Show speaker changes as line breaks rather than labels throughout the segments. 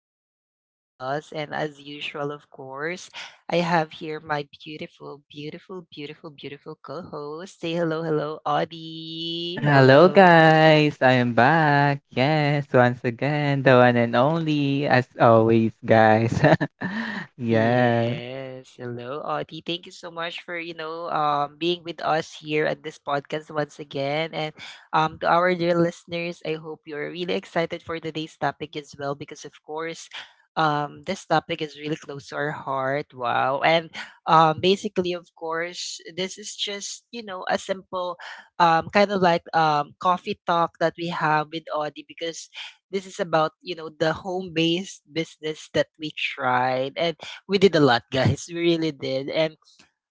Cups of Chaos. And as usual, of course, I have here my beautiful, beautiful, beautiful, beautiful co host. Say hello, hello, Audie.
Hello
Hello.
guys, I am back. Yes, once again, the one and only, as always, guys. Yes.
Yes. Hello, Audie. Thank you so much for, you know, being with us here at this podcast once again. And to our dear listeners, I hope you're really excited for today's topic as well because of course this topic is really close to our heart. Wow. And basically of course this is just, you know, a simple kind of like coffee talk that we have with Audie because this is about, you know, the home-based business that we tried. And we did a lot, guys. We really did. And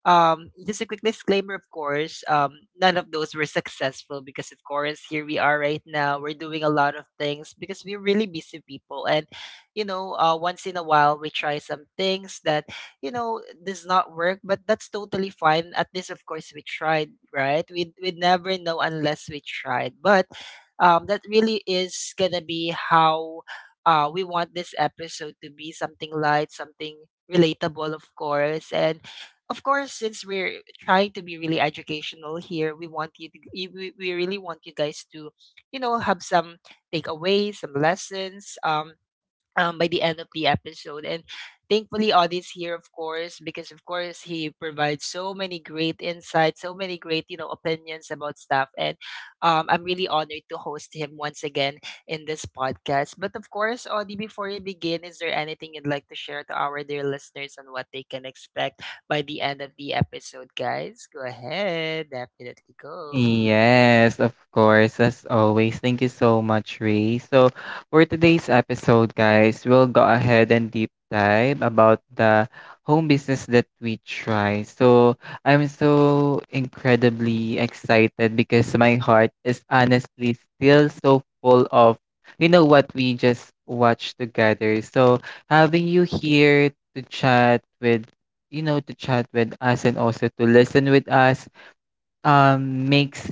just a quick disclaimer, of course, none of those were successful because, of course, here we are right now. We're doing a lot of things because we're really busy people. And, you know, once in a while, we try some things that, you know, does not work, but that's totally fine. At least, of course, we tried, right? We never know unless we tried. But that really is going to be how we want this episode to be something light, something relatable, of course. And of course, since we're trying to be really educational here, we want you to you- we really want you guys to, you know, have some takeaways, some lessons. By the end of the episode. And thankfully, Audie's here, of course, because of course he provides so many great insights, so many great you know opinions about stuff. And I'm really honored to host him once again in this podcast. But of course, Audie, before you begin, is there anything you'd like to share to our dear listeners on what they can expect by the end of the episode, guys? Go ahead, definitely go.
Yes, of course, as always. Thank you so much, Ray. So, for today's episode, guys, we'll go ahead and deep dive about the home business that we try. So, I'm so incredibly excited because my heart is honestly still so full of, you know, what we just watched together. So, having you here to chat with, you know, to chat with us and also to listen with us makes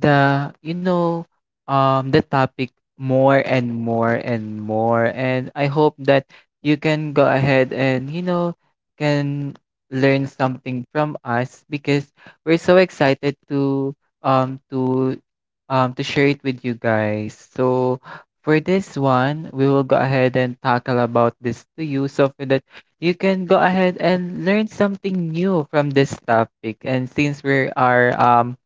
the you know the topic more and more and more, and I hope that you can go ahead and, you know, can learn something from us because we're so excited to um to share it with you guys. So for this one, we will go ahead and tackle about this to you, so for that you can go ahead and learn something new from this topic. And since we are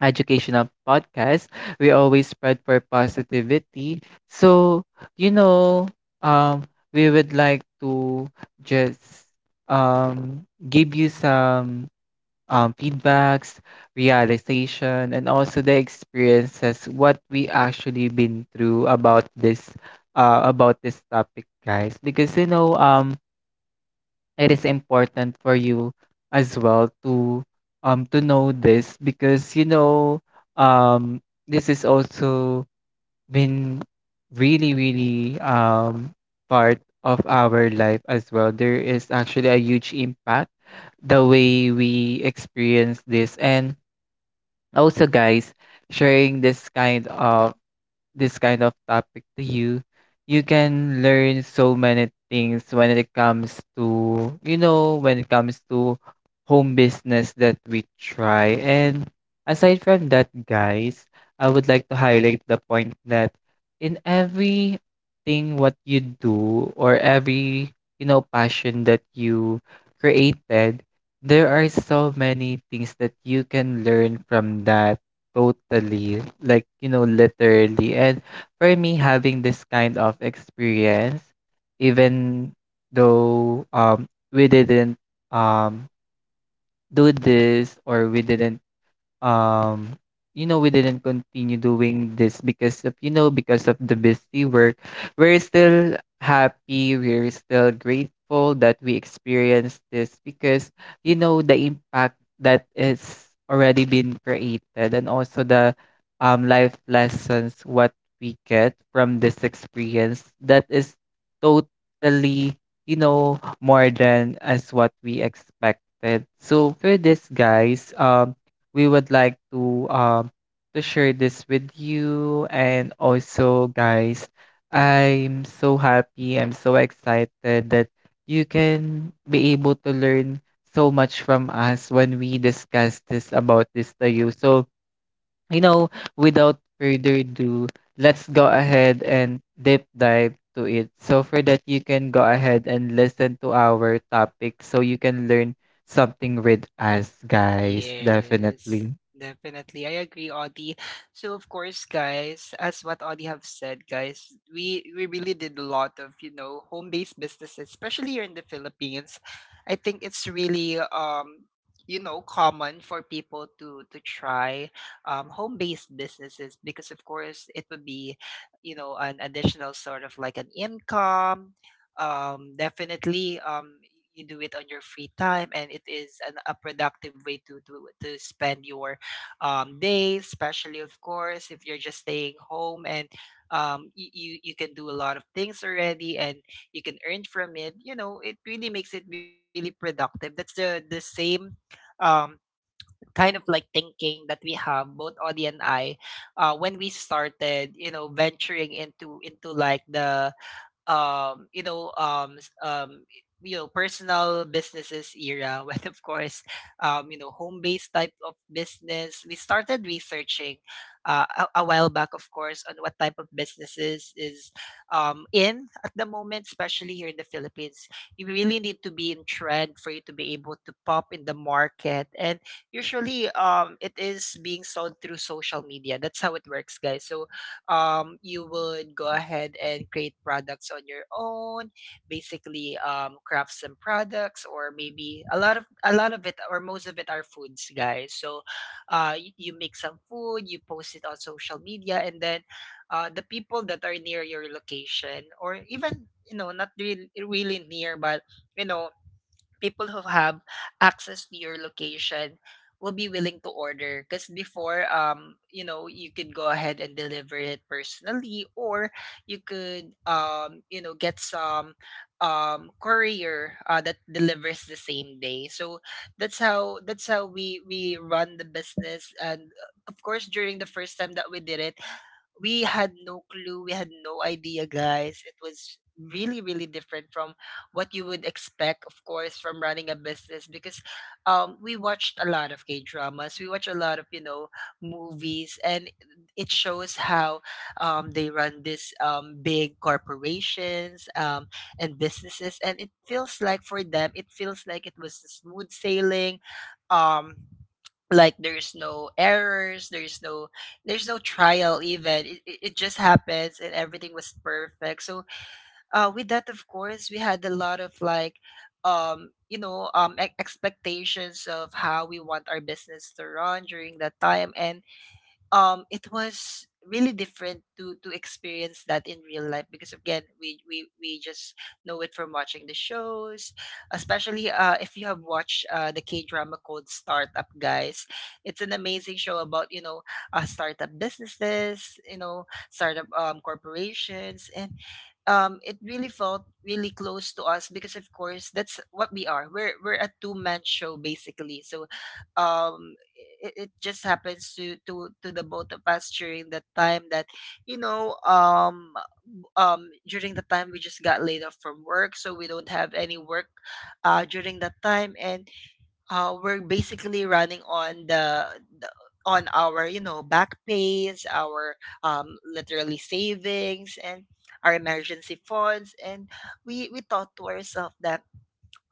educational podcast, we always spread for positivity. So, you know, um we would like to just give you some feedbacks, realization, and also the experiences what we actually been through about this topic, guys, because, you know, it is important for you as well to know this because, you know, um this is also been really, really part of our life as well. There is actually a huge impact the way we experience this. And also guys, sharing this kind of topic to you, you can learn so many things when it comes to, you know, when it comes to home business that we try. And aside from that, guys, I would like to highlight the point that in every thing what you do, or every, you know, passion that you created, there are so many things that you can learn from that. Totally, like, you know, literally. And for me, having this kind of experience, even though we didn't um do this, or we didn't um you know, we didn't continue doing this because of, you know, because of the busy work, we're still happy, we're still grateful that we experienced this. Because, you know, the impact that is already been created, and also the life lessons what we get from this experience, that is totally, you know, more than as what we expected. So for this guys, we would like to share this with you. And also guys, I'm so happy, I'm so excited that you can be able to learn so much from us when we discuss this about this to you. So, you know, without further ado, let's go ahead and deep dive to it. So for that, you can go ahead and listen to our topic, so you can learn something with us, guys,
Yes,
definitely.
definitely. I agree, Audie. So of course, guys, as what Audie have said, guys, we really did a lot of, you know, home-based businesses, especially here in the Philippines. I think it's really you know common for people to try home-based businesses because of course it would be you know an additional sort of like an income definitely you do it on your free time and it is a productive way to spend your day especially of course if you're just staying home and you you can do a lot of things already and you can earn from it you know it really makes it really productive that's the same um, kind of like thinking that we have both Audie and I when we started you know venturing into like the um you know um s- um you know personal businesses era when of course you know home based type of business we started researching a while back of course on what type of businesses is in at the moment especially here in the Philippines you really need to be in trend for you to be able to pop in the market and usually it is being sold through social media that's how it works guys so you would go ahead and create products on your own, basically craft some products or maybe a lot of it or most of it are foods, guys. So you make some food, you post it on social media, and then the people that are near your location or even you know not really, really near but you know people who have access to your location will be willing to order because before you know you could go ahead and deliver it personally or you could you know get some courier that delivers the same day so that's how we run the business and of course during the first time that we did it we had no clue. We had no idea, guys. It was really, really different from what you would expect, of course, from running a business because we watched a lot of K dramas. We watch a lot of, you know, movies, and it shows how they run these big corporations and businesses. And it feels like for them, it feels like it was smooth sailing. Um, like there's no errors there's no trial even it just happens and everything was perfect so with that of course we had a lot of like expectations of how we want our business to run during that time and it was really different to experience that in real life because again we just know it from watching the shows especially if you have watched the K drama called Startup Guys. It's an amazing show about you know startup businesses you know startup corporations and it really felt really close to us because of course that's what we are we're a two-man show basically so um it just happens to the both of us during that time that you know um during the time we just got laid off from work so we don't have any work during that time and we're basically running on the on our you know back pays our literally savings and our emergency funds and we thought to ourselves that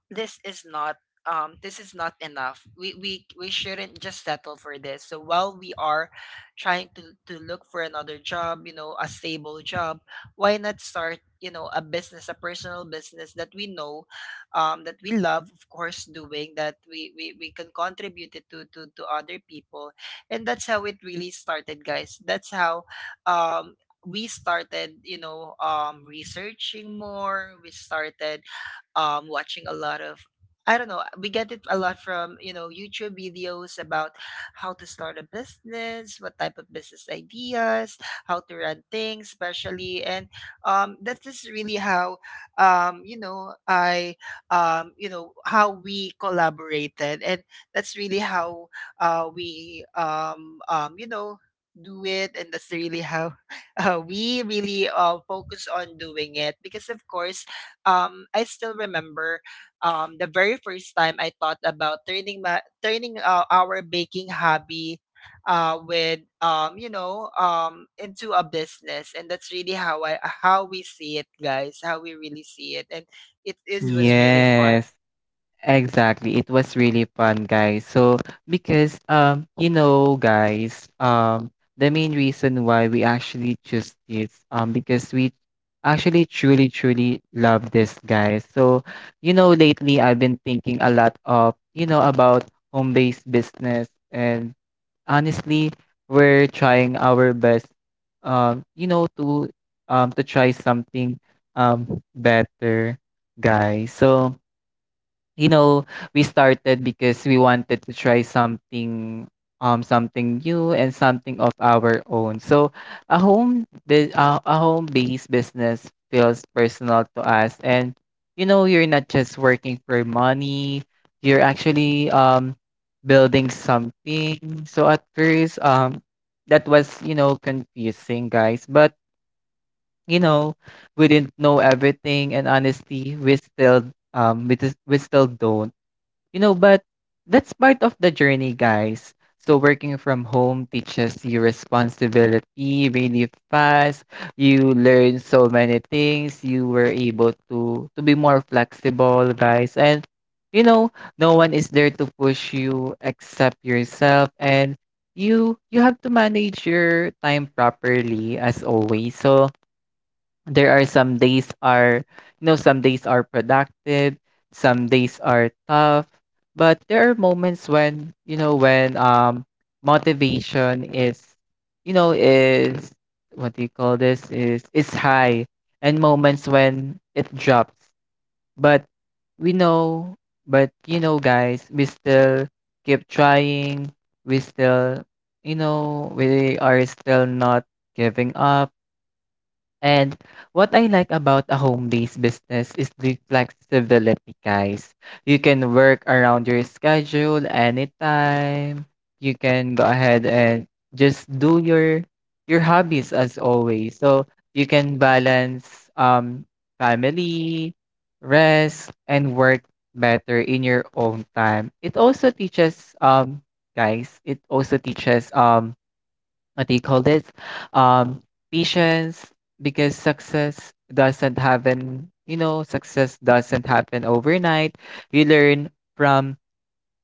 this is not this is not enough. We shouldn't just settle for this so while we are trying to look for another job you know a stable job why not start you know a business a personal business that we know that we love of course doing that we can contribute it to other people and that's how it really started guys. That's how um we started you know researching more. We started watching a lot of I don't know. We get it a lot from you know YouTube videos about how to start a business, what type of business ideas, how to run things, especially, and that is really how um, you know I you know how we collaborated, and that's really how we you know do it and that's really how we really focus on doing it because of course I still remember the very first time I thought about turning our baking hobby with you know into a business, and that's really how I how we see it, guys. How we really see it, and it is was really fun.
Yes, exactly. It was really fun, guys. So, because you know, guys, the main reason why we actually choose this, because we actually truly, truly love this, guys. So, you know, lately I've been thinking a lot of, you know, about home-based business, and honestly, we're trying our best, you know, to try something um better, guys. So you know, we started because we wanted to try something, something new and something of our own. So A home based business feels personal to us. And you know, you're not just working for money, you're actually building something. So at first, that was, you know, confusing guys, but you know, we didn't know everything, and honestly, we still we still don't. You know, but that's part of the journey, guys. So working from home teaches you responsibility really fast. You learn so many things. You were able to be more flexible, guys. And you know, no one is there to push you except yourself, and you have to manage your time properly as always. So there are some days are, you know, some days are productive, some days are tough, but there are moments when, you know, when motivation is, you know, is, what do you call this, is high, and moments when it drops. But we know, but you know guys, we still keep trying, we still, you know, we are still not giving up. And what I like about a home-based business is the flexibility, guys. You can work around your schedule anytime. You can go ahead and just do your hobbies as always. So you can balance family, rest, and work better in your own time. It also teaches, guys, it also teaches what do you call this um patience, because success doesn't happen, you know, success doesn't happen overnight. You learn from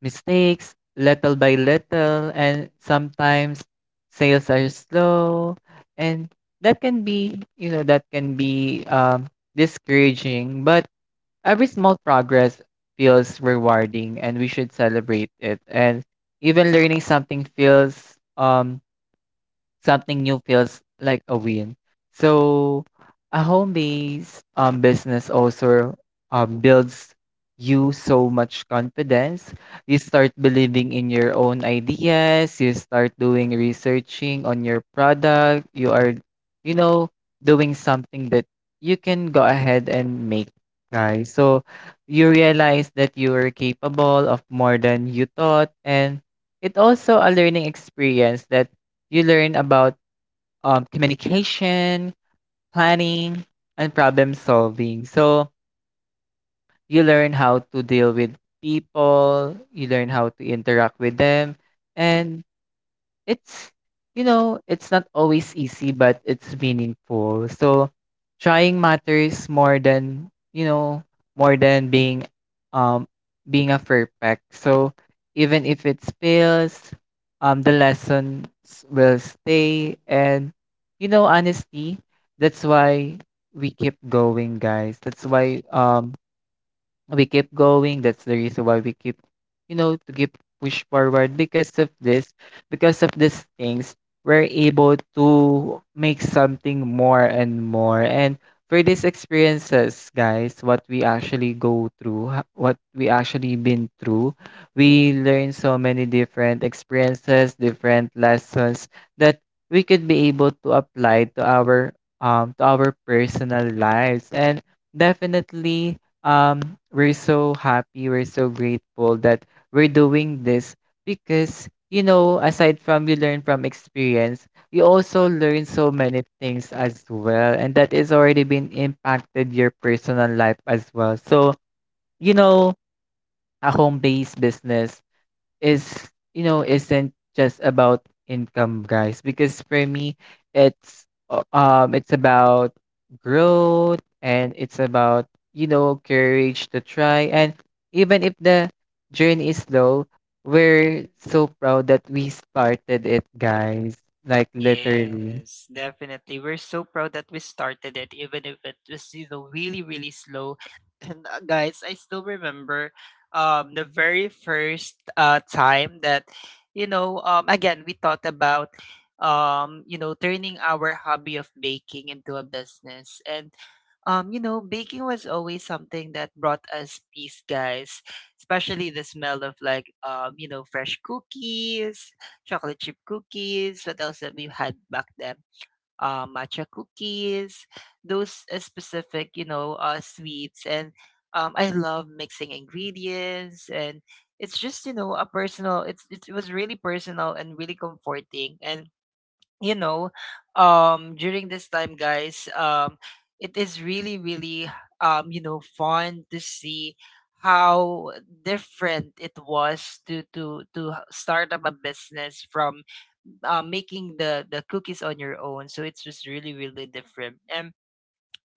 mistakes little by little, and sometimes sales are slow, and that can be, you know, that can be discouraging. But every small progress feels rewarding, and we should celebrate it. And even learning something feels, something new feels like a win. So a home-based business also builds you so much confidence. You start believing in your own ideas. You start doing researching on your product. You are, you know, doing something that you can go ahead and make, guys. So you realize that you are capable of more than you thought. And it also a learning experience that you learn about communication, planning, and problem solving. So you learn how to deal with people, you learn how to interact with them, and it's, you know, it's not always easy, but it's meaningful. So trying matters more than, you know, more than being um a perfect. So even if it fails, the lessons will stay. And you know, honesty, that's why we keep going, guys. That's why we keep going. That's the reason why we keep, you know, to keep push forward. Because of this, because of these things, we're able to make something more and more. And for these experiences, guys, what we actually what we actually been through, we learn so many different experiences, different lessons that we could be able to apply to our personal lives. And definitely, um we're so happy, we're so grateful that we're doing this. Because you know, aside from you learn from experience, you also learn so many things as well, and that is already been impacted your personal life as well. So you know, a home-based business is, you know, isn't just about income, guys, because for me it's it's about growth, and it's about, you know, courage to try. And even if the journey is slow, we're so proud that we started it, guys, like literally.
Yes, definitely. We're so proud that we started it, even if it was, you know, really, really slow. And guys, I still remember the very first time that, you know, again we thought about you know, turning our hobby of baking into a business. And you know, baking was always something that brought us peace, guys. Especially the smell of like, you know, fresh cookies, chocolate chip cookies. What else that we had back then? Matcha cookies. Those specific, you know, sweets. And I love mixing ingredients. And it's just, you know, a personal. It's it was really personal and really comforting. And you know during this time guys it is really really you know fun to see how different it was to start up a business from making the cookies on your own so it's just really really different. And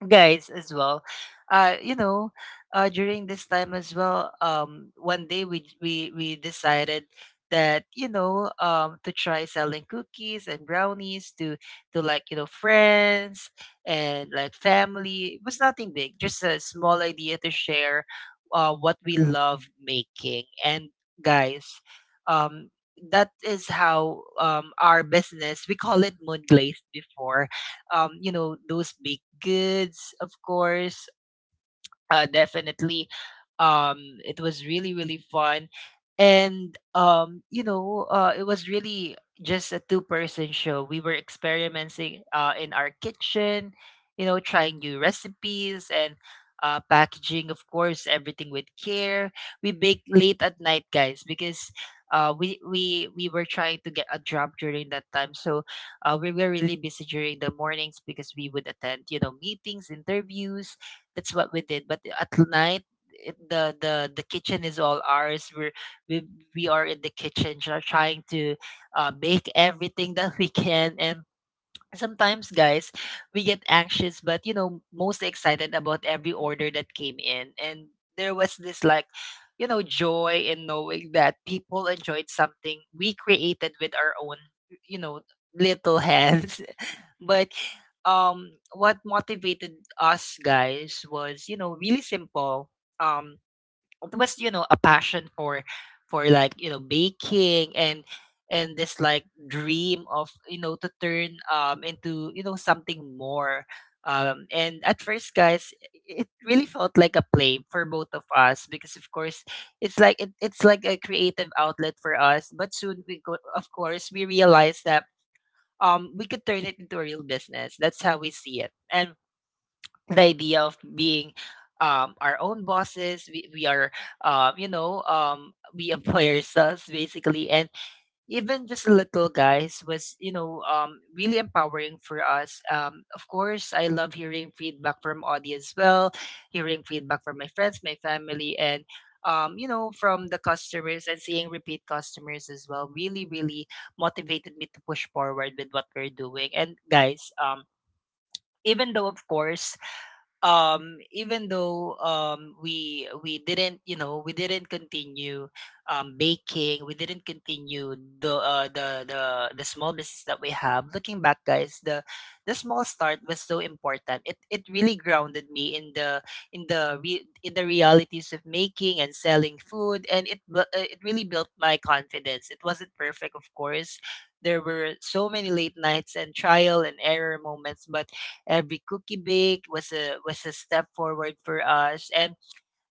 guys as well uh you know during this time as well one day we decided that you know to try selling cookies and brownies to like you know friends and like family. It was nothing big, just a small idea to share what we love making. And guys um that is how our business, we call it Moon Glaze before, you know, those baked goods, of course, definitely um it was really really fun and you know it was really just a two-person show. We were experimenting in our kitchen, you know, trying new recipes and packaging of course everything with care. We bake late at night guys because we were trying to get a job during that time so we were really busy during the mornings because we would attend you know meetings interviews. That's what we did. But at night, it, the kitchen is all ours. We we are in the kitchen trying to make everything that we can, and sometimes, guys, we get anxious, but most excited about every order that came in. And there was this like joy in knowing that people enjoyed something we created with our own you know little hands. But what motivated us, guys, was really simple. um it was, a passion for like, baking. And this like dream of, to turn into, something more. And at first, guys, it really felt like a play for both of us, because of course it's like it's like a creative outlet for us. But soon we go of course we realized that we could turn it into a real business. That's how we see it. And the idea of being our own bosses. We are, you know, we employ ourselves, basically. And even just a little, guys, was, really empowering for us. Of course, I love hearing feedback from audience as well, hearing feedback from my friends, my family, and from the customers, and seeing repeat customers as well really, really motivated me to push forward with what we're doing. And, guys, even though, of course, even though we didn't, we didn't continue baking, we didn't continue the uh, the the the small business that we have. Looking back, guys, the small start was so important. It really grounded me in the realities of making and selling food. And it really built my confidence. It wasn't perfect, of course. There were so many late nights and trial and error moments, but every cookie baked was a step forward for us. And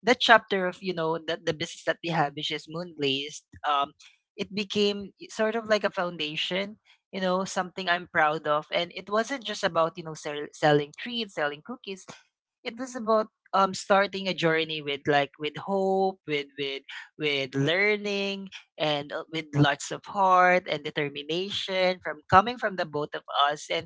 that chapter of, the business that we have, which is Moonglazed, it became sort of like a foundation, something I'm proud of. And it wasn't just about, selling treats, selling cookies. It was about starting a journey with like, with hope, with learning, and with lots of heart and determination, from coming from the both of us. And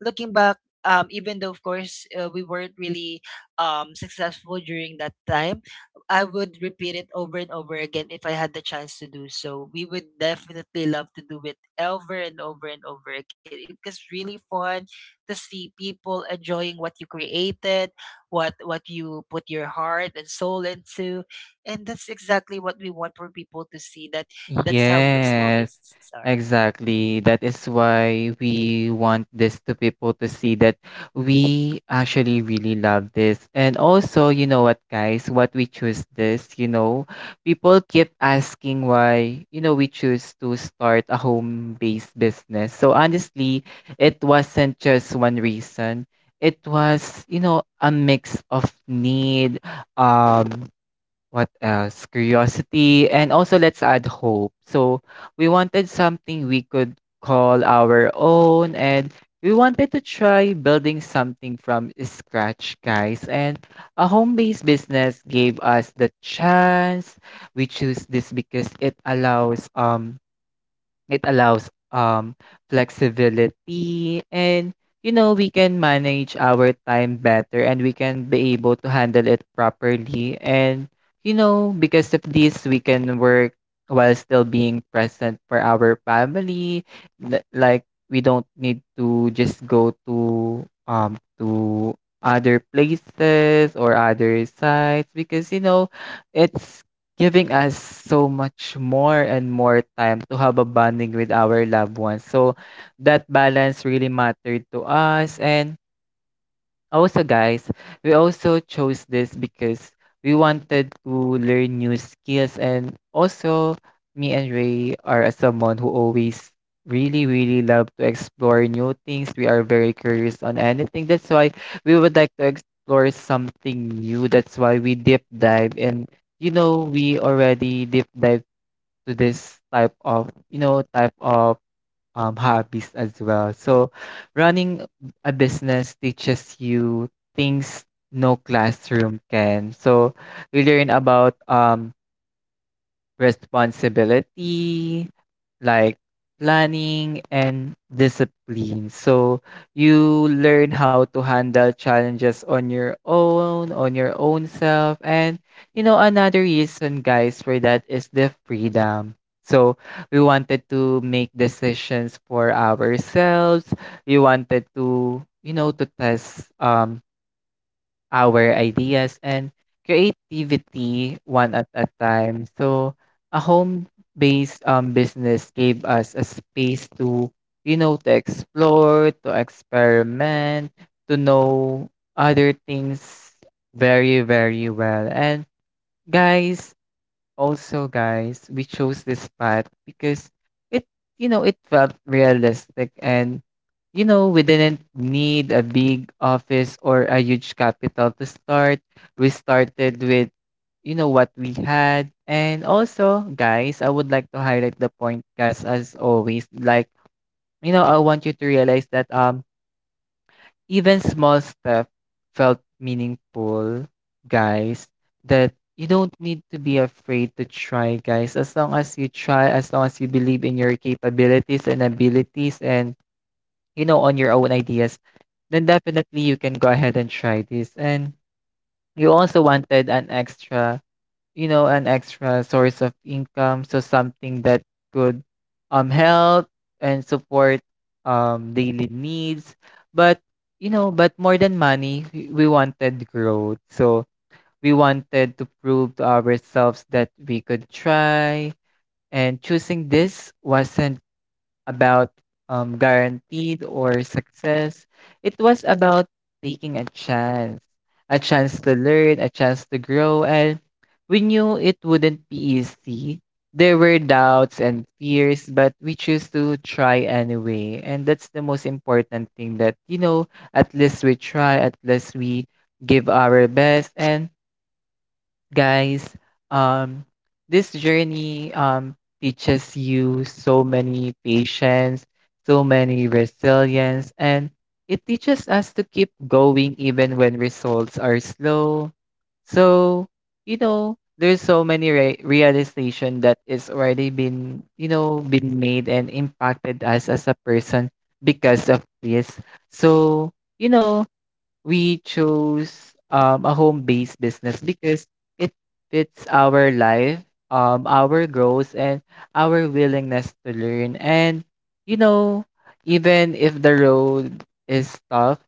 looking back, even though, of course, we weren't really successful during that time, I would repeat it over and over again if I had the chance to do so. We would definitely love to do it over and over and over again. It was really fun to see people enjoying what you created, what you put your heart and soul into, and that's exactly what we want for people to see. That's how small
Yes,
businesses are.
exactly. That is why we want this to people to see that we actually really love this. And also, you know what guys, what we choose this, you know, people keep asking why, you know, we choose to start a home-based business. So honestly, it wasn't just one reason. It was, you know, a mix of need, um, what else? Curiosity, and also let's add hope. So we wanted something we could call our own, and we wanted to try building something from scratch, guys. And a home-based business gave us the chance. We choose this because it allows flexibility. And you know, we can manage our time better, and we can be able to handle it properly. And you know, because of this, we can work while still being present for our family. Like we don't need to just go to other places or other sites, because you know, it's giving us so much more and more time to have a bonding with our loved ones. So that balance really mattered to us. And also, guys, we also chose this because we wanted to learn new skills. And also, me and Ray are a someone who always really, really love to explore new things. We are very curious on anything. That's why we would like to explore something new. That's why we deep dive. And you know, we already deep dive to this type of, you know, type of hobbies as well. So, running a business teaches you things no classroom can. So, you learn about responsibility, like planning and discipline. So you learn how to handle challenges on your own self. And you know, another reason, guys, for that is the freedom. So we wanted to make decisions for ourselves. We wanted to, you know, to test our ideas and creativity one at a time. So a home-based business gave us a space to, you know, to explore, to experiment, to know other things very, very well. Guys, Also, guys, we chose this path because it, it felt realistic, and we didn't need a big office or a huge capital to start. We started with, what we had. And also, guys, I would like to highlight the point, guys, as always. I want you to realize that even small step felt meaningful, guys. That you don't need to be afraid to try, guys. As long as you try, as long as you believe in your capabilities and abilities and, on your own ideas, then definitely you can go ahead and try this. And you also wanted an extra, an extra source of income. So something that could help and support daily needs. But but more than money, we wanted growth. So we wanted to prove to ourselves that we could try. And choosing this wasn't about guaranteed or success. It was about taking a chance to learn, a chance to grow, and we knew it wouldn't be easy. There were doubts and fears, but we chose to try anyway. And that's the most important thing, that, at least we try, at least we give our best. And guys. Um, this journey teaches you so many patience, so many resilience, and it teaches us to keep going even when results are slow. So, there's so many realization that is already been, been made and impacted us as a person because of this. So, you know, we chose a home-based business because it fits our life, our goals, and our willingness to learn. And you know, even if the road is tough,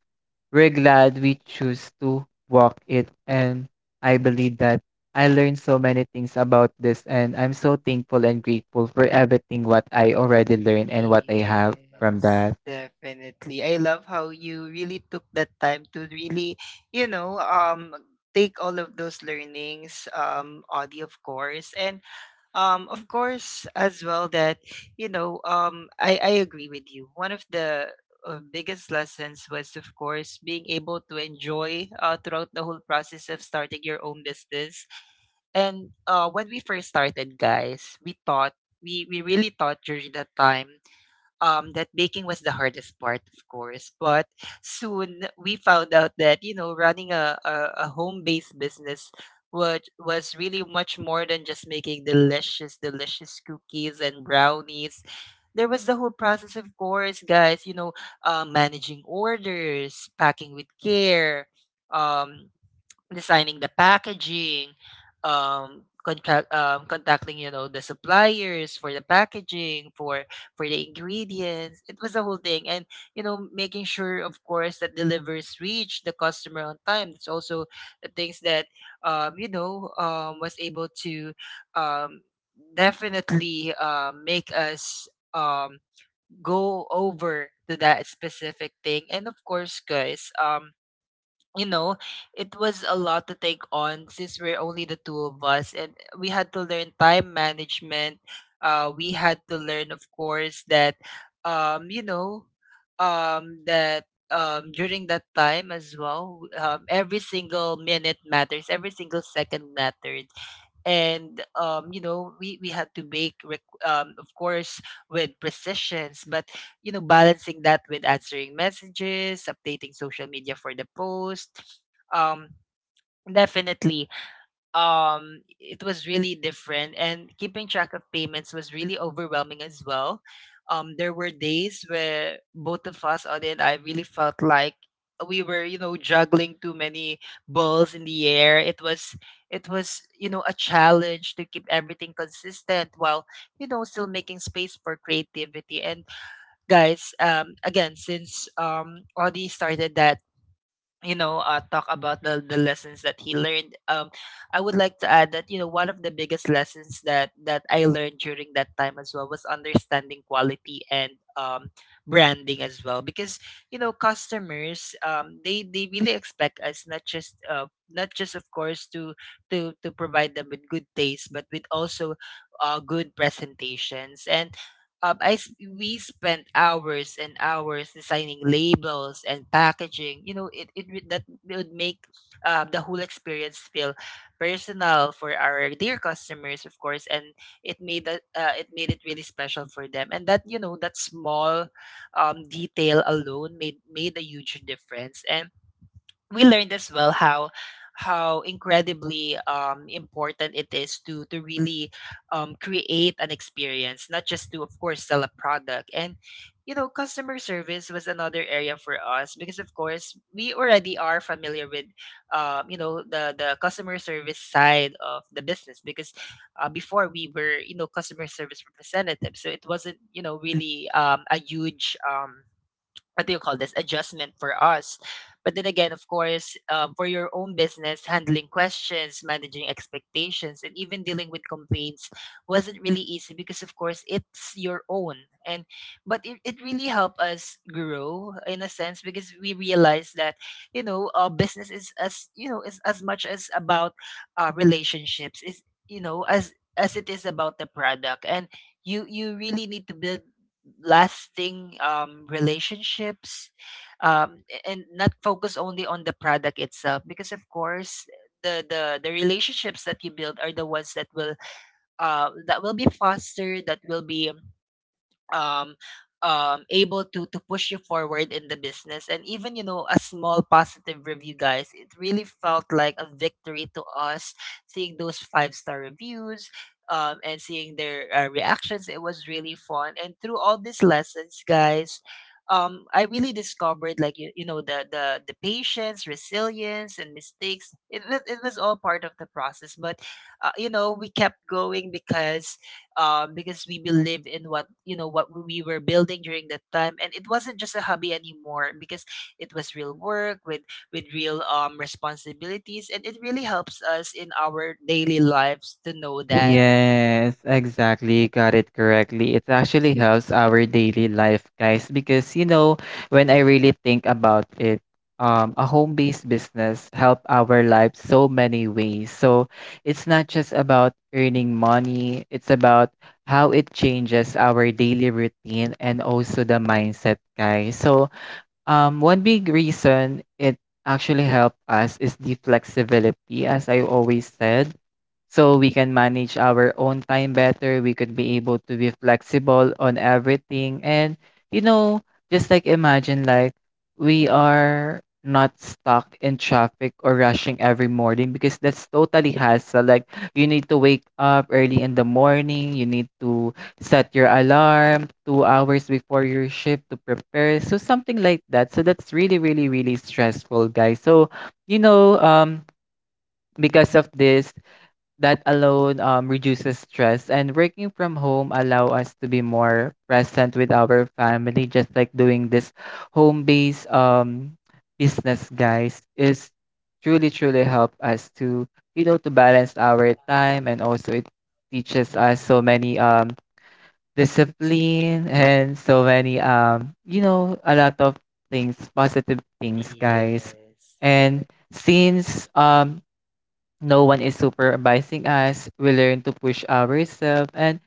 we're glad we choose to walk it. And I believe that I learned so many things about this, and I'm so thankful and grateful for everything what I already learned and what I have from
Yes,
that.
definitely. I love how you really took that time to really, you know, um take all of those learnings, Audie, of course. And, of course, as well, that I agree with you. One of the biggest lessons was, of course, being able to enjoy throughout the whole process of starting your own business. And when we first started, guys, we thought, we really thought during that time, that baking was the hardest part, of course. But soon we found out that running a home based business was really much more than just making delicious, delicious cookies and brownies. There was the whole process, of course, guys. Managing orders, packing with care. Um, Designing the packaging, contacting, the suppliers, for the packaging, for the ingredients. It was a whole thing. And, making sure, of course, that delivers reach the customer on time. It's also the things that, was able to um, definitely make us go over to that specific thing. And of course, guys, you know, it was a lot to take on, since we're only the two of us, and we had to learn time management. We had to learn, of course, that, um, you know, during that time as well, every single minute matters, every single second mattered. And we had to make of course, with precisions, but balancing that with answering messages, updating social media for the post. Um, definitely, it was really different, and keeping track of payments was really overwhelming as well. There were days where both of us, Audie and I, really felt like we were, juggling too many balls in the air. It was, a challenge to keep everything consistent, while, still making space for creativity. And, guys, again, since Audie started that, talk about the lessons that he learned, I would like to add that, one of the biggest lessons that I learned during that time as well was understanding quality and branding as well. Because, customers, they really expect us, not just, of course, to provide them with good taste, but with also good presentations. And we spent hours and hours designing labels and packaging. That would make the whole experience feel personal for our dear customers, of course, and it made it really special for them. And that you know that small detail alone made a huge difference. And we learned as well how incredibly important it is to really create an experience, not just to, of course, sell a product. And Customer service was another area for us, because of course we already are familiar with the customer service side of the business, because before, we were customer service representatives, so it wasn't really a huge, what do you call this, adjustment for us. But then again, of course, for your own business, handling questions, managing expectations, and even dealing with complaints, wasn't really easy, because of course it's your own. And but it really helped us grow, in a sense, because we realized that our business is, as is as much as about our relationships is, as it is about the product. And you really need to build lasting relationships, and not focus only on the product itself, because of course the relationships that you build are the ones that will, that will be fostered, that will be um able to push you forward in the business. And even, a small positive review, guys, it really felt like a victory to us, seeing those five-star reviews, and seeing their reactions. It was really fun. And through all these lessons, guys, I really discovered, like, the patience, resilience, and mistakes. It was all part of the process. But we kept going, because because we believed in what you know what we were building during that time, and it wasn't just a hobby anymore, because it was real work with real responsibilities, and it really helps us in our daily lives to know that.
Yes, exactly. Got it correctly. It actually helps our daily life, guys, because when I really think about it, a home-based business help our lives so many ways. So it's not just about earning money, it's about how it changes our daily routine and also the mindset, guys. So one big reason it actually help us is the flexibility, as I always said. So we can manage our own time better. We could be able to be flexible on everything. And, you know, just like imagine, like, we are not stuck in traffic or rushing every morning, because that's totally hassle. Like, you need to wake up early in the morning. You need to set your alarm 2 hours before your shift to prepare. So, something like that. So, that's really, really, really stressful, guys. So, you know, um, because of this, that alone reduces stress, and working from home allow us to be more present with our family. Just like doing this home based business, guys, is truly truly help us to, to balance our time. And also it teaches us so many discipline and so many, a lot of things, positive things,
Mhm.
guys.
Yes.
And since no one is supervising us, we learn to push ourselves, and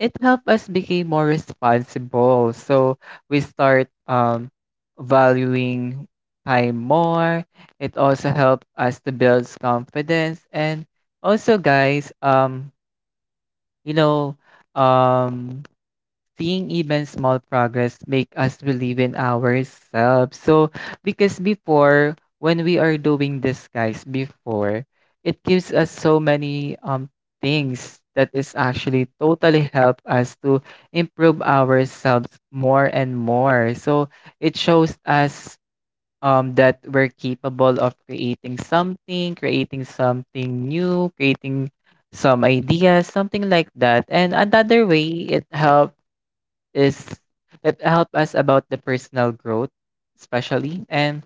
it helped us become more responsible. So we start valuing time more. It also helped us to build confidence. And also, guys, you know, um, seeing even small progress make us believe in ourselves. So because before when we are doing this, guys, before it gives us so many things that is actually totally help us to improve ourselves more and more. So it shows us that we're capable of creating something, creating something new, creating some ideas, something like that. And another way it helps is it help us about the personal growth especially. And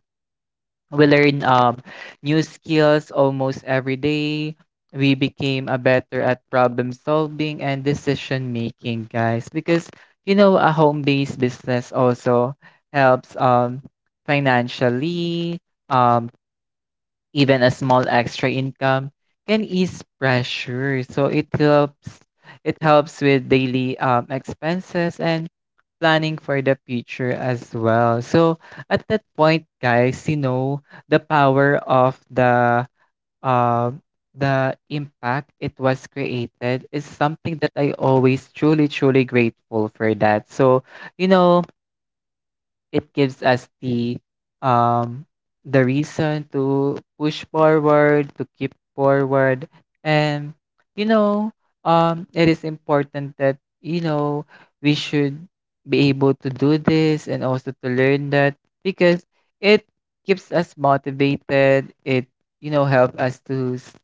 we learn new skills almost every day. We became a better at problem solving and decision making, guys. Because a home-based business also helps financially. um Even a small extra income can ease pressure. So it helps, it helps with daily expenses and planning for the future as well. So at that point, guys, the power of the, um the impact it was created is something that I always truly truly grateful for that. So you know it gives us the, um the reason to push forward, to keep forward. And you know it is important that, we should be able to do this, and also to learn that. Because it keeps us motivated, it, help us to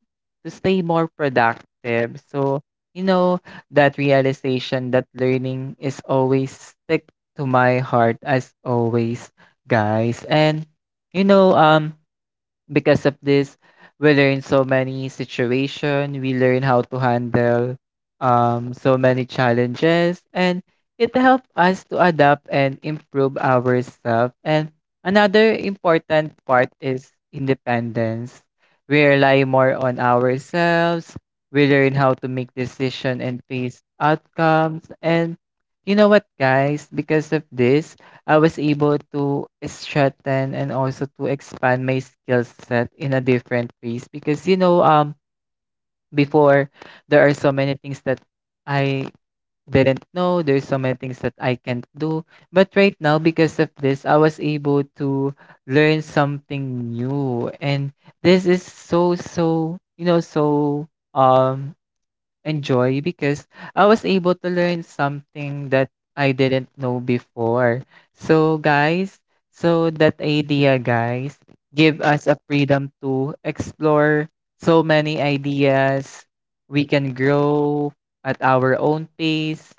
to stay more productive. So, you know that realization that learning is always stick to my heart as always, guys. And you know, um Because of this, we learn so many situation, we learn how to handle so many challenges, and it helps us to adapt and improve ourselves. And another important part is independence. We rely more on ourselves. We learn how to make decision and face outcomes. And you know what, guys? Because of this, I was able to strengthen and also to expand my skill set in a different ways, because before there are so many things that I didn't know, there's so many things that I can't do. But right now, because of this, I was able to learn something new, and this is so so, um enjoy, because I was able to learn something that I didn't know before. So, guys, so that idea, guys, give us a freedom to explore so many ideas. We can grow at our own pace.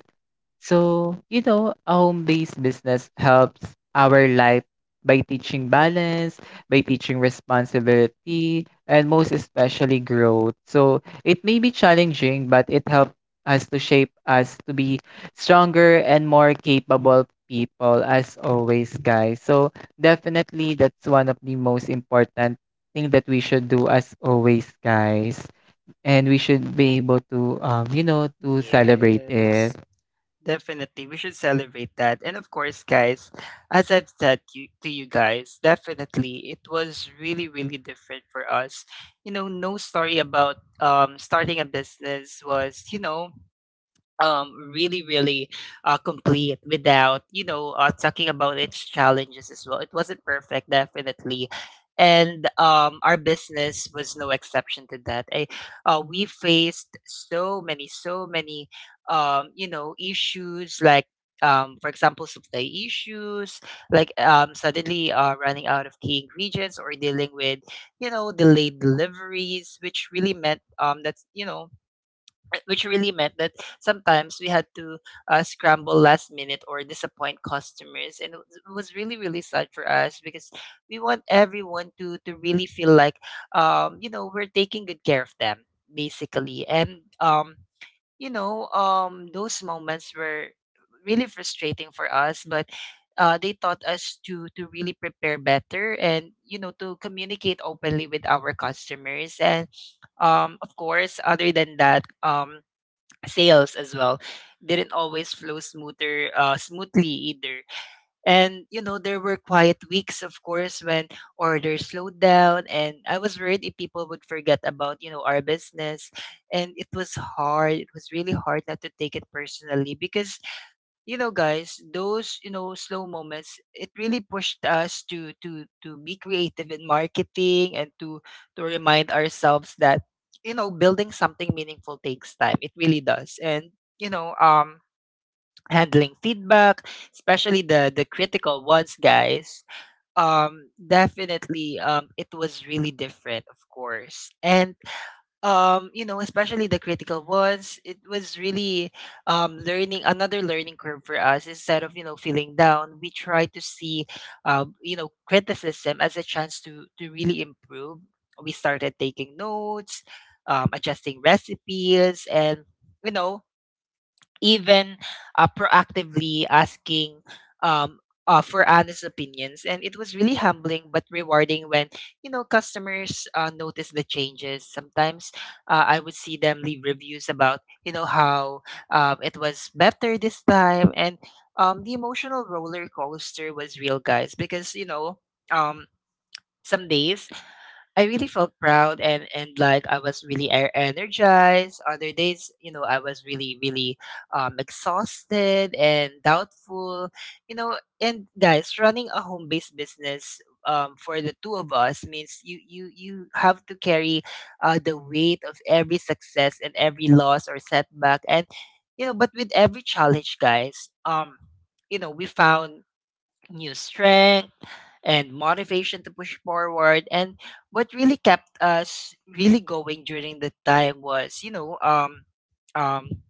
So, a home-based business helps our life by teaching balance, by teaching responsibility, and most especially growth. So, it may be challenging, but it helps us to shape us to be stronger and more capable people as always, guys. So, definitely that's one of the most important thing that we should do as always, guys. And we should be able to to celebrate it.
Yes. Definitely, we should celebrate that. And of course, guys, as I've said you, to you guys, definitely it was really, really different for us. You know, no story about starting a business was, really really complete without talking about its challenges as well. It wasn't perfect definitely, and our business was no exception to that. We faced so many issues like, for example, supply issues like, suddenly running out of key ingredients, or dealing with, you know, delayed deliveries, which really meant, that's you know which really meant that sometimes we had to, scramble last minute or disappoint customers. And it was really really sad for us because we want everyone to really feel like, we're taking good care of them basically. And those moments were really frustrating for us, but they taught us to really prepare better, and you know, to communicate openly with our customers. And of course, other than that, sales as well didn't always flow smoother smoothly either. And you know, there were quiet weeks, of course, when orders slowed down, and I was worried if people would forget about, you know, our business. And it was really hard not to take it personally, because you know guys, those, you know, slow moments, it really pushed us to to be creative in marketing, and to remind ourselves that, you know, building something meaningful takes time. It really does. And handling feedback, especially the critical ones, guys, definitely it was really different, of course. And you know, especially the critical ones, it was really, learning, another learning curve for us. Instead of, you know, feeling down, we try to see, you know, criticism as a chance to really improve. We started taking notes, adjusting recipes, and you know, even, proactively asking, um, for honest opinions. And it was really humbling but rewarding when, you know, customers notice the changes. Sometimes I would see them leave reviews about, you know, how, it was better this time. And the emotional roller coaster was real, guys, because, um, some days I really felt proud and like I was really energized. Other days, you know, I was really really exhausted and doubtful. You know, and guys, running a home-based business for the two of us means you have to carry the weight of every success and every loss or setback. And you know, but with every challenge, guys, we found new strength and motivation to push forward. And what really kept us really going during the time was, um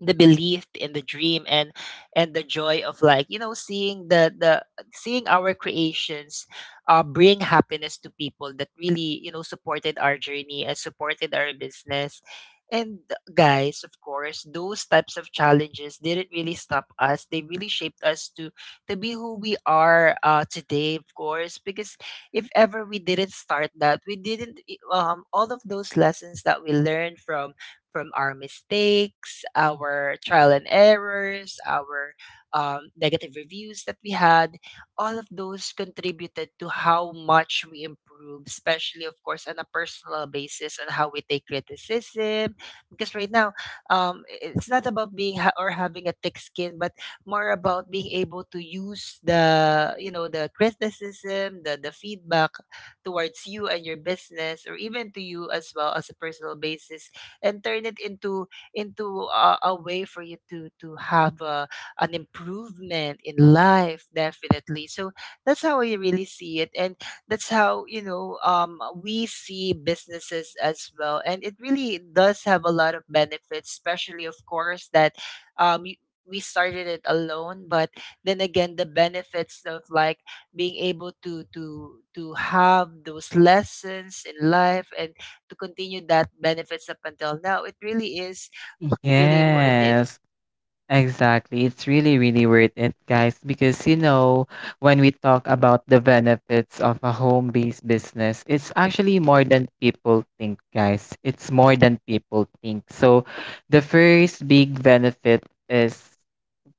the belief in the dream, and the joy of like, you know, seeing the seeing our creations bring happiness to people that really, you know, supported our journey and supported our business. And guys, of course, those types of challenges didn't really stop us, they really shaped us to be who we are today, of course, because if ever we didn't start that, we didn't all of those lessons that we learned from our mistakes, our trial and errors, our, negative reviews that we had. All of those contributed to how much we improved, especially, of course, on a personal basis, and how we take criticism. Because right now, it's not about being or having a thick skin, but more about being able to use the, you know, the criticism, the feedback towards you and your business, or even to you as well as a personal basis, and turn it into a way for you to have a, an improvement in life definitely. So that's how I really see it, and that's how, you know, we see businesses as well. And it really does have a lot of benefits, especially of course that, um y- we started it alone. But then again, the benefits of like being able to have those lessons in life, and to continue that benefits up until now, it really is really worth it.
Yes, exactly. It's really, really worth it, guys, because when we talk about the benefits of a home-based business, it's actually more than people think, guys. It's more than people think. So, the first big benefit is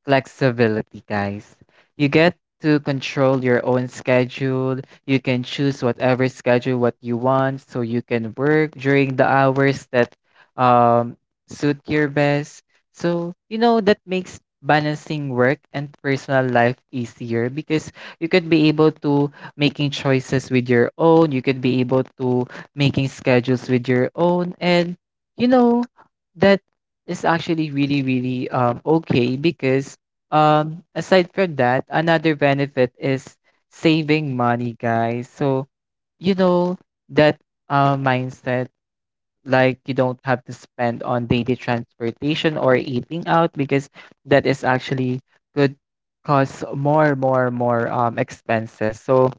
flexibility, guys. You get to control your own schedule. You can choose whatever schedule what you want, so you can work during the hours that um, suit your best. So that makes balancing work and personal life easier, because you could be able to making choices with your own. You could be able to making schedules with your own, and you know that is actually really really okay. Because aside from that, another benefit is saving money, guys. So, you know, that mindset, like you don't have to spend on daily transportation or eating out, because that is actually could cause more, more, more expenses. So,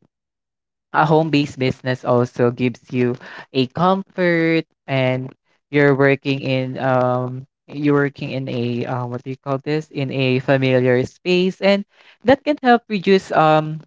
a home-based business also gives you a comfort, and you're working in a, what do you call this in a familiar space, and that can help reduce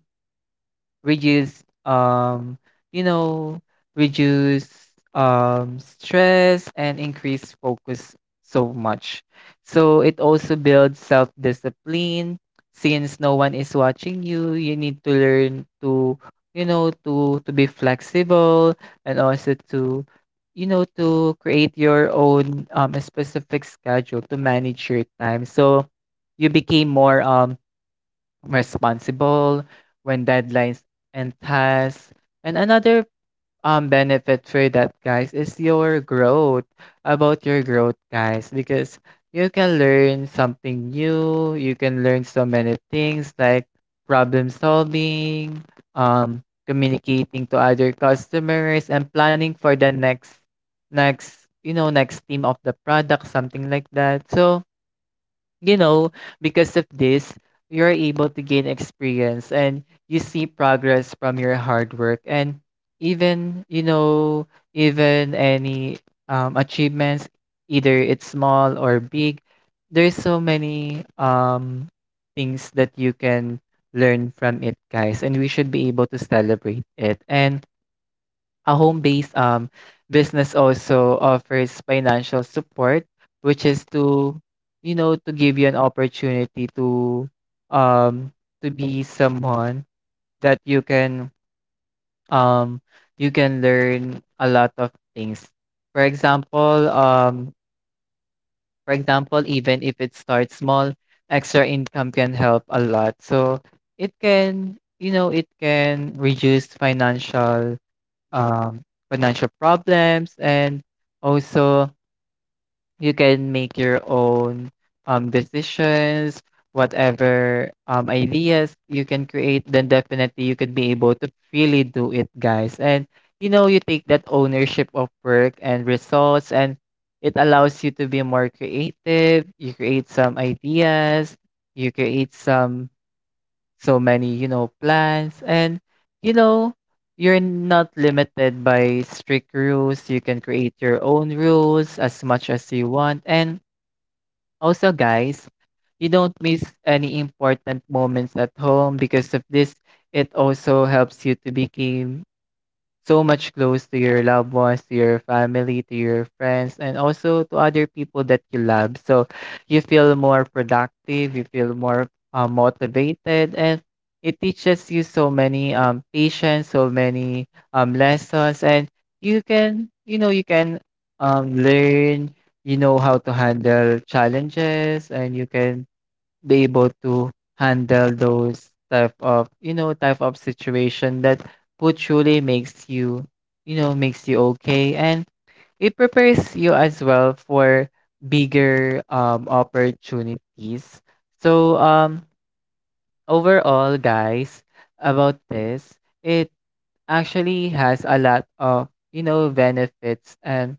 reduce you know reduce stress and increase focus so much. So it also builds self discipline. Since no one is watching you, you need to learn to, to be flexible, and also to, to create your own specific schedule to manage your time. So you became more responsible when deadlines and tasks. And another benefit for that, guys, is your growth. About your growth, guys, because you can learn something new, you can learn so many things like problem solving, um communicating to other customers, and planning for the next next you know next team of the product, something like that. So, you know, because of this, you're able to gain experience, and you see progress from your hard work. And even, even any achievements, either it's small or big, there's so many things that you can learn from it, guys, and we should be able to celebrate it. And a home-based business also offers financial support, which is to, to give you an opportunity um to be someone that um you can learn a lot of things. For example, even if it starts small, extra income can help a lot. So it can, it can reduce financial um, financial problems. And also you can make your own decisions. Whatever ideas you can create, then definitely you could be able to really do it, guys. And you take that ownership of work and results. And it allows you to be more creative. You create some ideas, you create some so many, plans. And, you know, you're not limited by strict rules. You can create your own rules as much as you want. And also, guys, you don't miss any important moments at home because of this. It also helps you to become so much close to your loved ones, to your family, to your friends, and also to other people that you love. So you feel more productive, you feel more motivated, and it teaches you so many patience, so many lessons, and you can learn, how to handle challenges, and you can be able to handle those type of type of situation that food truly makes you, you know makes you okay. And it prepares you as well for bigger opportunities. So, overall, guys, about this, it actually has a lot of, benefits and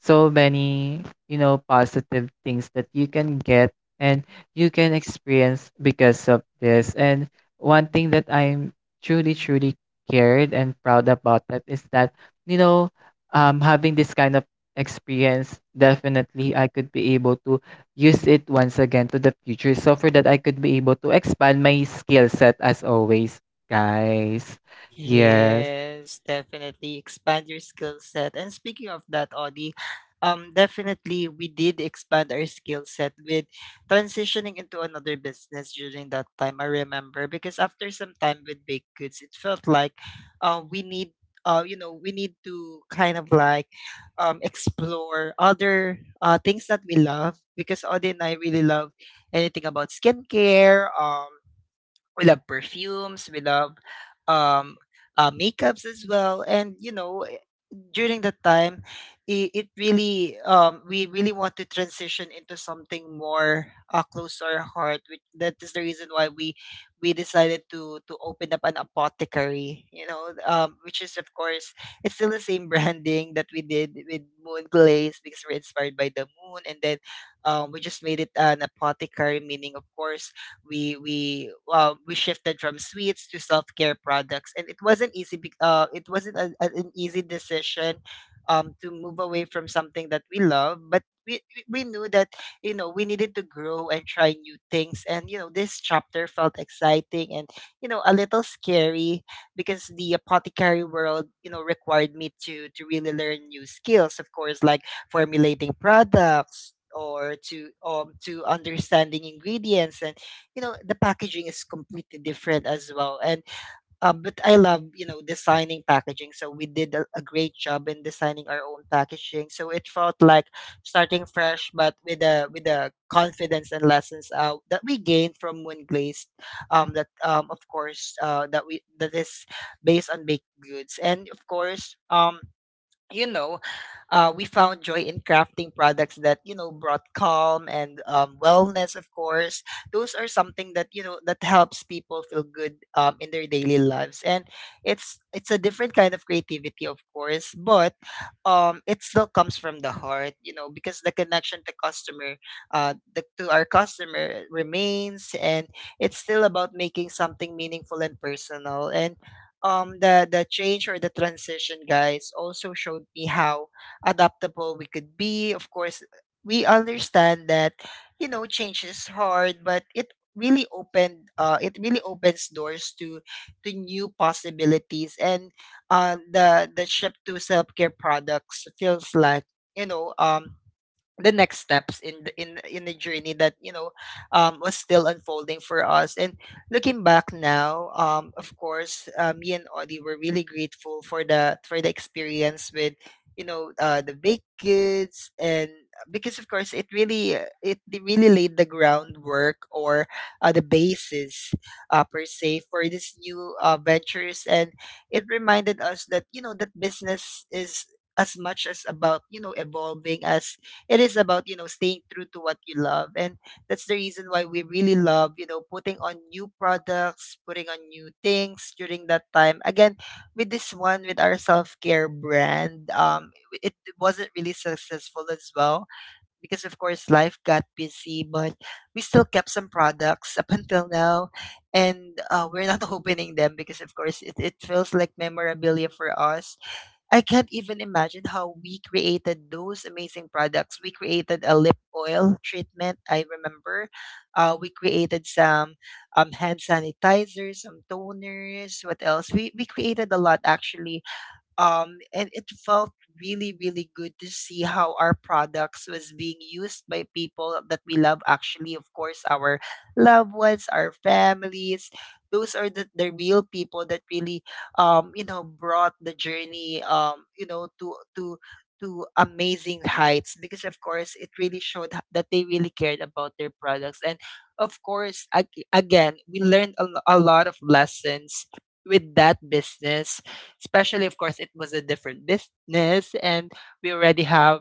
so many, positive things that you can get and you can experience because of this. And one thing that I'm truly cared and proud about, that is that, you know having this kind of experience, definitely I could be able to use it once again to the future. So for that, I could be able to expand my skill set as always, guys. Yes.
Yes, definitely expand your skill set. And speaking of that, Audie, definitely we did expand our skill set with transitioning into another business during that time. I remember because after some time with baked goods, it felt like, uh, we need, you know, we need to kind of like, explore other things that we love, because Audie and I really love anything about skincare. We love perfumes, we love, um makeups as well. And during that time, it really we really want to transition into something more close to our heart. Which that is the reason why we decided to open up an apothecary, you know, which is of course, it's still the same branding that we did with Moon Glaze, because we're inspired by the moon. And then we just made it an apothecary, meaning of course we shifted from sweets to self-care products. And it wasn't easy it wasn't an easy decision, to move away from something that we love. But we knew that, you know, we needed to grow and try new things. And you know, this chapter felt exciting and, you know, a little scary, because the apothecary world, you know, required me to really learn new skills, of course, like formulating products, or to understanding ingredients. And you know, the packaging is completely different as well. And but I love, you know, designing packaging, so we did a great job in designing our own packaging. So it felt like starting fresh, but with a with the confidence and lessons that we gained from Moon Glazed, that of course, that we, that is based on baked goods. And of course, you know, we found joy in crafting products that, you know, brought calm and, wellness. Of course, those are something that, you know, that helps people feel good, in their daily lives. And it's a different kind of creativity, of course, but it still comes from the heart, you know. Because the connection to customer, to our customer remains. And it's still about making something meaningful and personal. And the change or the transition, guys, also showed me how adaptable we could be. Of course, we understand that, you know, change is hard, but it really opened it really opens doors to new possibilities. And the ship to self care products feels like, you know um the next steps in the journey that, you know, was still unfolding for us. And looking back now, of course, me and Audie were really grateful for the experience with, you know, the big kids. And because of course it really, it really laid the groundwork, or the basis, per se, for these new ventures. And it reminded us that, you know, that business is as much as about, you know, evolving as it is about, you know, staying true to what you love. And that's the reason why we really love, you know, putting on new products, putting on new things during that time. Again, with this one, with our self care brand, it wasn't really successful as well, because of course life got busy. But we still kept some products up until now, and we're not opening them, because of course it feels like memorabilia for us. I can't even imagine how we created those amazing products. We created a lip oil treatment, I remember. We created some, hand sanitizers, some toners. What else? We created a lot actually. And it felt really really good to see how our products was being used by people that we love, actually. Of course, our loved ones, our families, those are the real people that really, you know, brought the journey, to amazing heights. Because of course it really showed that they really cared about their products. And of course again we learned a lot of lessons with that business, especially of course it was a different business. And we already have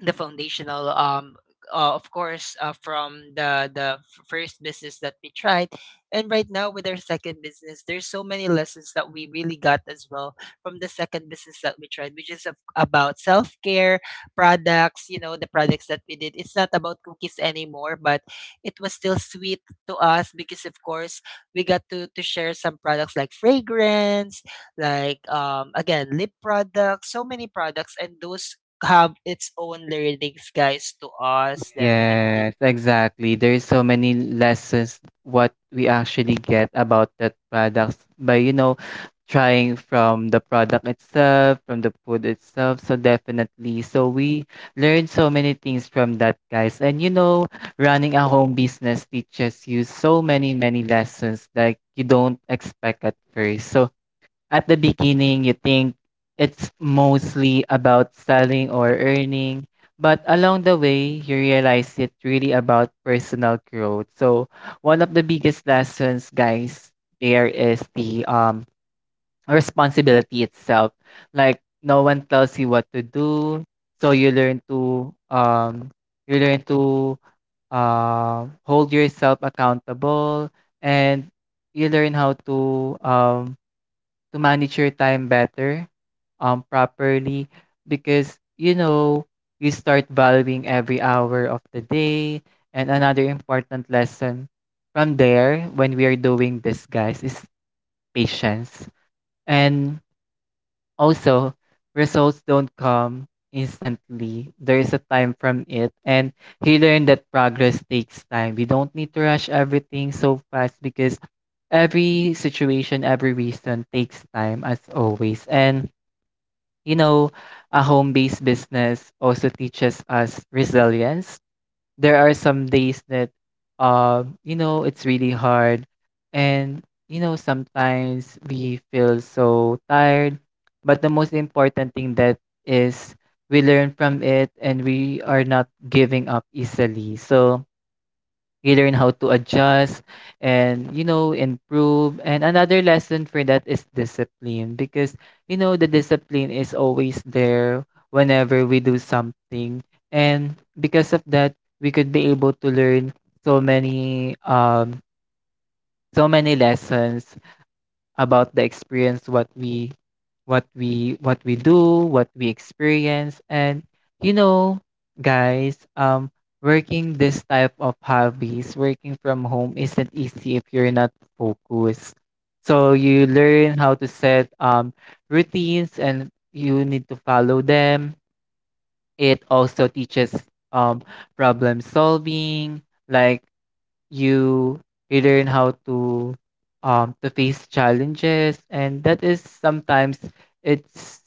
the foundational, of course, from the first business that we tried. And right now with our second business, there's so many lessons that we really got as well from the second business that we tried, which is of, about self-care products. You know, the products that we did, it's not about cookies anymore, but it was still sweet to us, because of course we got to share some products like fragrance, like again, lip products, so many products. And those have its own lyrics, guys, to us, definitely.
Yes, exactly. There's so many lessons what we actually get about that products by, trying from the product itself, from the food itself. So definitely. So we learn so many things from that, guys. And you know, running a home business teaches you so many, many lessons like you don't expect at first. So at the beginning you think it's mostly about selling or earning, but along the way you realize it's really about personal growth. So one of the biggest lessons, guys, there is the responsibility itself. Like no one tells you what to do, so you learn to hold yourself accountable, and you learn how to, to manage your time better, properly, because you know you start valuing every hour of the day. And another important lesson from there when we are doing this, guys, is patience. And also, results don't come instantly, there is a time from it. And he learned that progress takes time, we don't need to rush everything so fast, because every situation, every reason takes time as always. And you know, a home based business also teaches us resilience. There are some days that, you know, it's really hard. And, you know, sometimes we feel so tired. But the most important thing that is, we learn from it and we are not giving up easily. So, we learn how to adjust and, you know, improve. And another lesson for that is discipline because, you know, the discipline is always there whenever we do something. And because of that, we could be able to learn so many, so many lessons about the experience what we, what we do, what we experience. And you know, guys, working this type of hobbies, working from home isn't easy if you're not focused. So you learn how to set, routines, and you need to follow them. It also teaches, um problem solving, like you you learn how to, to face challenges, and that is sometimes it's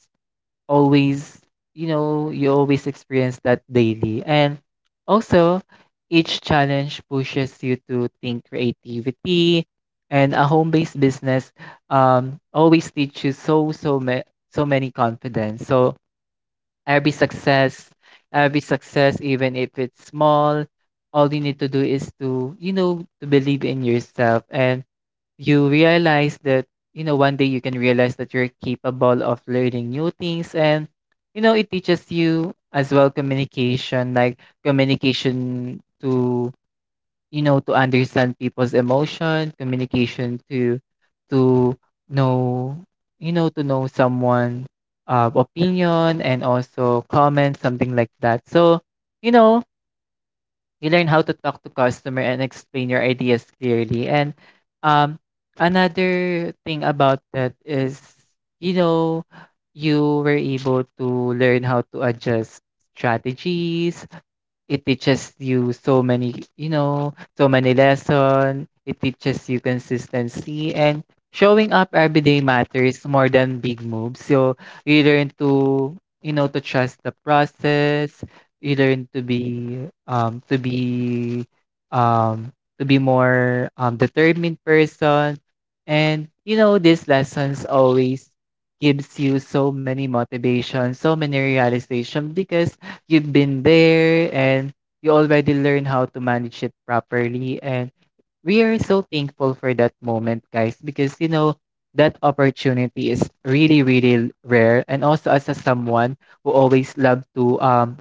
always, you know, you always experience that daily. And also, each challenge pushes you to think creativity. And a home-based business always teaches you so, so many confidence. So every success, every success, even if it's small, all you need to do is to, you know, to believe in yourself. And you realize that, you know, one day you can realize that you're capable of learning new things. And, you know, it teaches you as well communication, like communication to, you know, to understand people's emotion, communication to, to know, to know someone opinion, and also comments, something like that. So you know, you learn how to talk to customer and explain your ideas clearly. And um another thing about that is, you know, you were able to learn how to adjust strategies. It teaches you so many, you know, so many lessons. It teaches you consistency, and showing up every day matters more than big moves. So you learn to, you know, to trust the process. You learn to be, um, to be more determined person. And you know, these lessons always gives you so many motivation, so many realization, because you've been there and you already learn how to manage it properly. And we are so thankful for that moment, guys, because you know, that opportunity is really, really rare. And also, as a someone who always love to,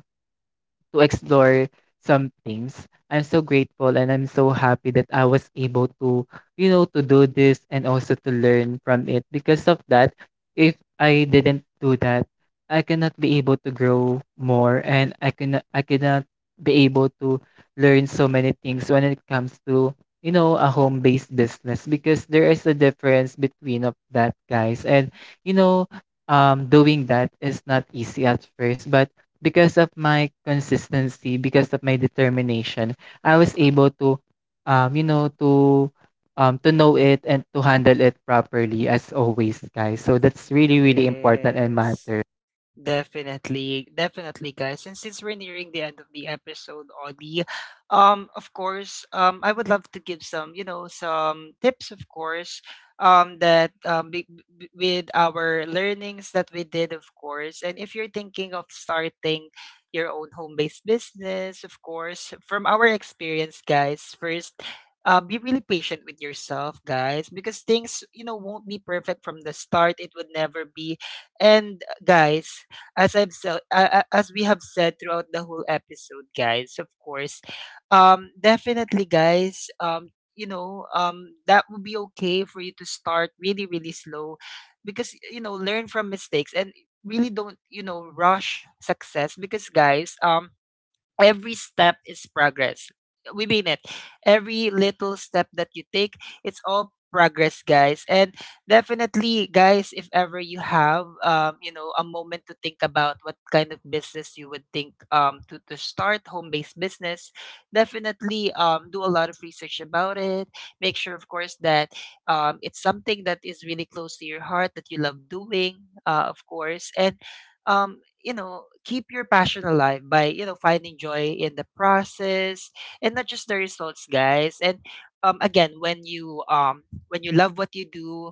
to explore some things, I'm so grateful and I'm so happy that I was able to, you know, to do this, and also to learn from it. Because of that, if I didn't do that, I cannot be able to grow more, and I cannot be able to learn so many things when it comes to, you know, a home-based business, because there is a difference between of that, guys. And you know, doing that is not easy at first, but because of my consistency, because of my determination, I was able to, you know, to to know it, and to handle it properly as always, guys. So that's really, really important and
Yes.
matter.
Definitely, definitely, guys. And since we're nearing the end of the episode, Audie, of course, I would love to give some, you know, some tips, of course, um, that um, be, with our learnings that we did, of course. And if you're thinking of starting your own home-based business, of course, from our experience, guys, first. Be really patient with yourself, guys, because things, you know, won't be perfect from the start. It would never be. And guys, as we have said throughout the whole episode, guys. Of course, definitely, guys. That would be okay for you to start really, really slow, because you know, learn from mistakes and really don't, you know, rush success. Because guys, every step is progress. We mean it. Every little step that you take, it's all progress, guys. And definitely, guys, if ever you have, a moment to think about what kind of business you would think to start, home-based business, definitely do a lot of research about it. Make sure, of course, that it's something that is really close to your heart, that you love doing, of course. And um, keep your passion alive by finding joy in the process and not just the results, guys. And again, when you love what you do,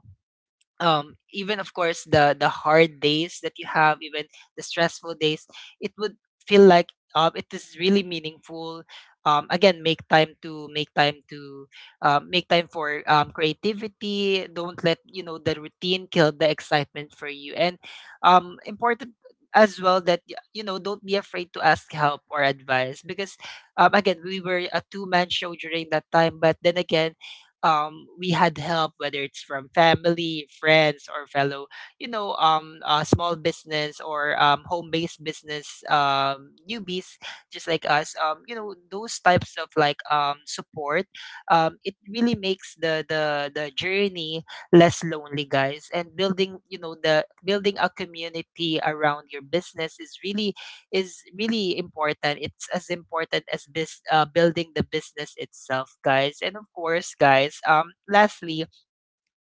even, of course, the hard days that you have, even the stressful days, it would feel like it is really meaningful. Again, make time to make time to make time for creativity. Don't let the routine kill the excitement for you. And important as well that don't be afraid to ask help or advice, because again, we were a two-man show during that time. But then again, we had help, whether it's from family, friends, or fellow, small business or home-based business newbies, just like us. Those types of, like, support, it really makes the journey less lonely, guys. And building, you know, the building a community around your business is really, is really important. It's as important as building the business itself, guys. And of course, guys, lastly,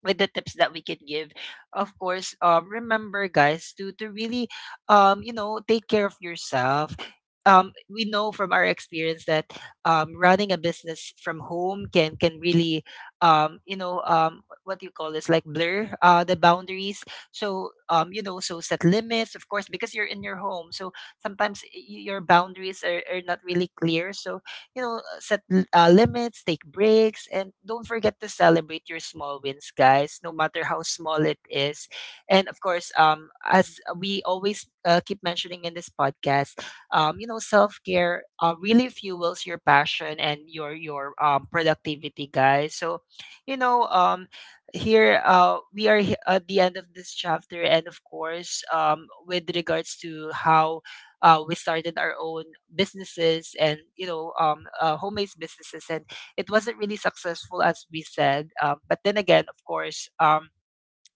with the tips that we can give, of course, remember, guys, to really take care of yourself. We know from our experience that running a business from home can really what you call this, like, blur the boundaries. So so set limits, of course, because you're in your home, so sometimes your boundaries are not really clear. So, you know, set limits, take breaks, and don't forget to celebrate your small wins, guys, no matter how small it is. And of course, as we always keep mentioning in this podcast, you know, self care really fuels your passion and your productivity, guys. So, you know, here we are at the end of this chapter. And of course, with regards to how we started our own businesses, and homemade businesses, and it wasn't really successful, as we said, but then again, of course,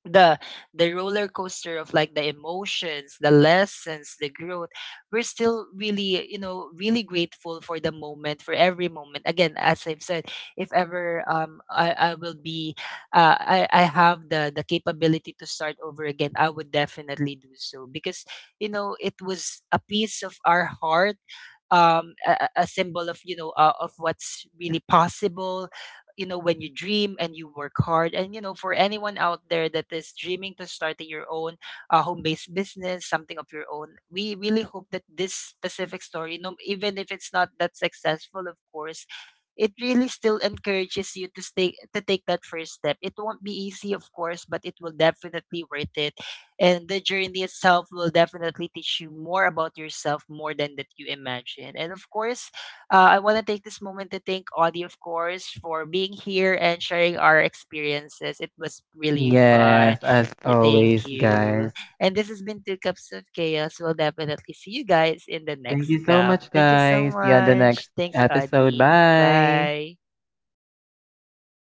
the the roller coaster of, like, the emotions, the lessons, the growth, we're still really, really grateful for the moment, for every moment. Again, as I've said, if ever I will be, I have the capability to start over again, I would definitely do so, because you know it was a piece of our heart, a symbol of, you know, of what's really possible. You know, when you dream and you work hard, and you know, for anyone out there that is dreaming to starting your own, home-based business, something of your own, we really hope that this specific story, no, even if it's not that successful, of course, it really still encourages you to stay, to take that first step. It won't be easy, of course, but it will definitely worth it, and the journey itself will definitely teach you more about yourself, more than that you imagine. And of course, I want to take this moment to thank Audie, of course, for being here and sharing our experiences. It was really fun.
Yes, as
Yeah, thank
always,
you.
guys.
And this has been Two Cups of Chaos. We'll definitely see you guys in the
Thank you
next
so
cup.
much,
Thank you so
guys. See you on the next
much. Thanks,
episode.
Audie.
Bye.
Bye.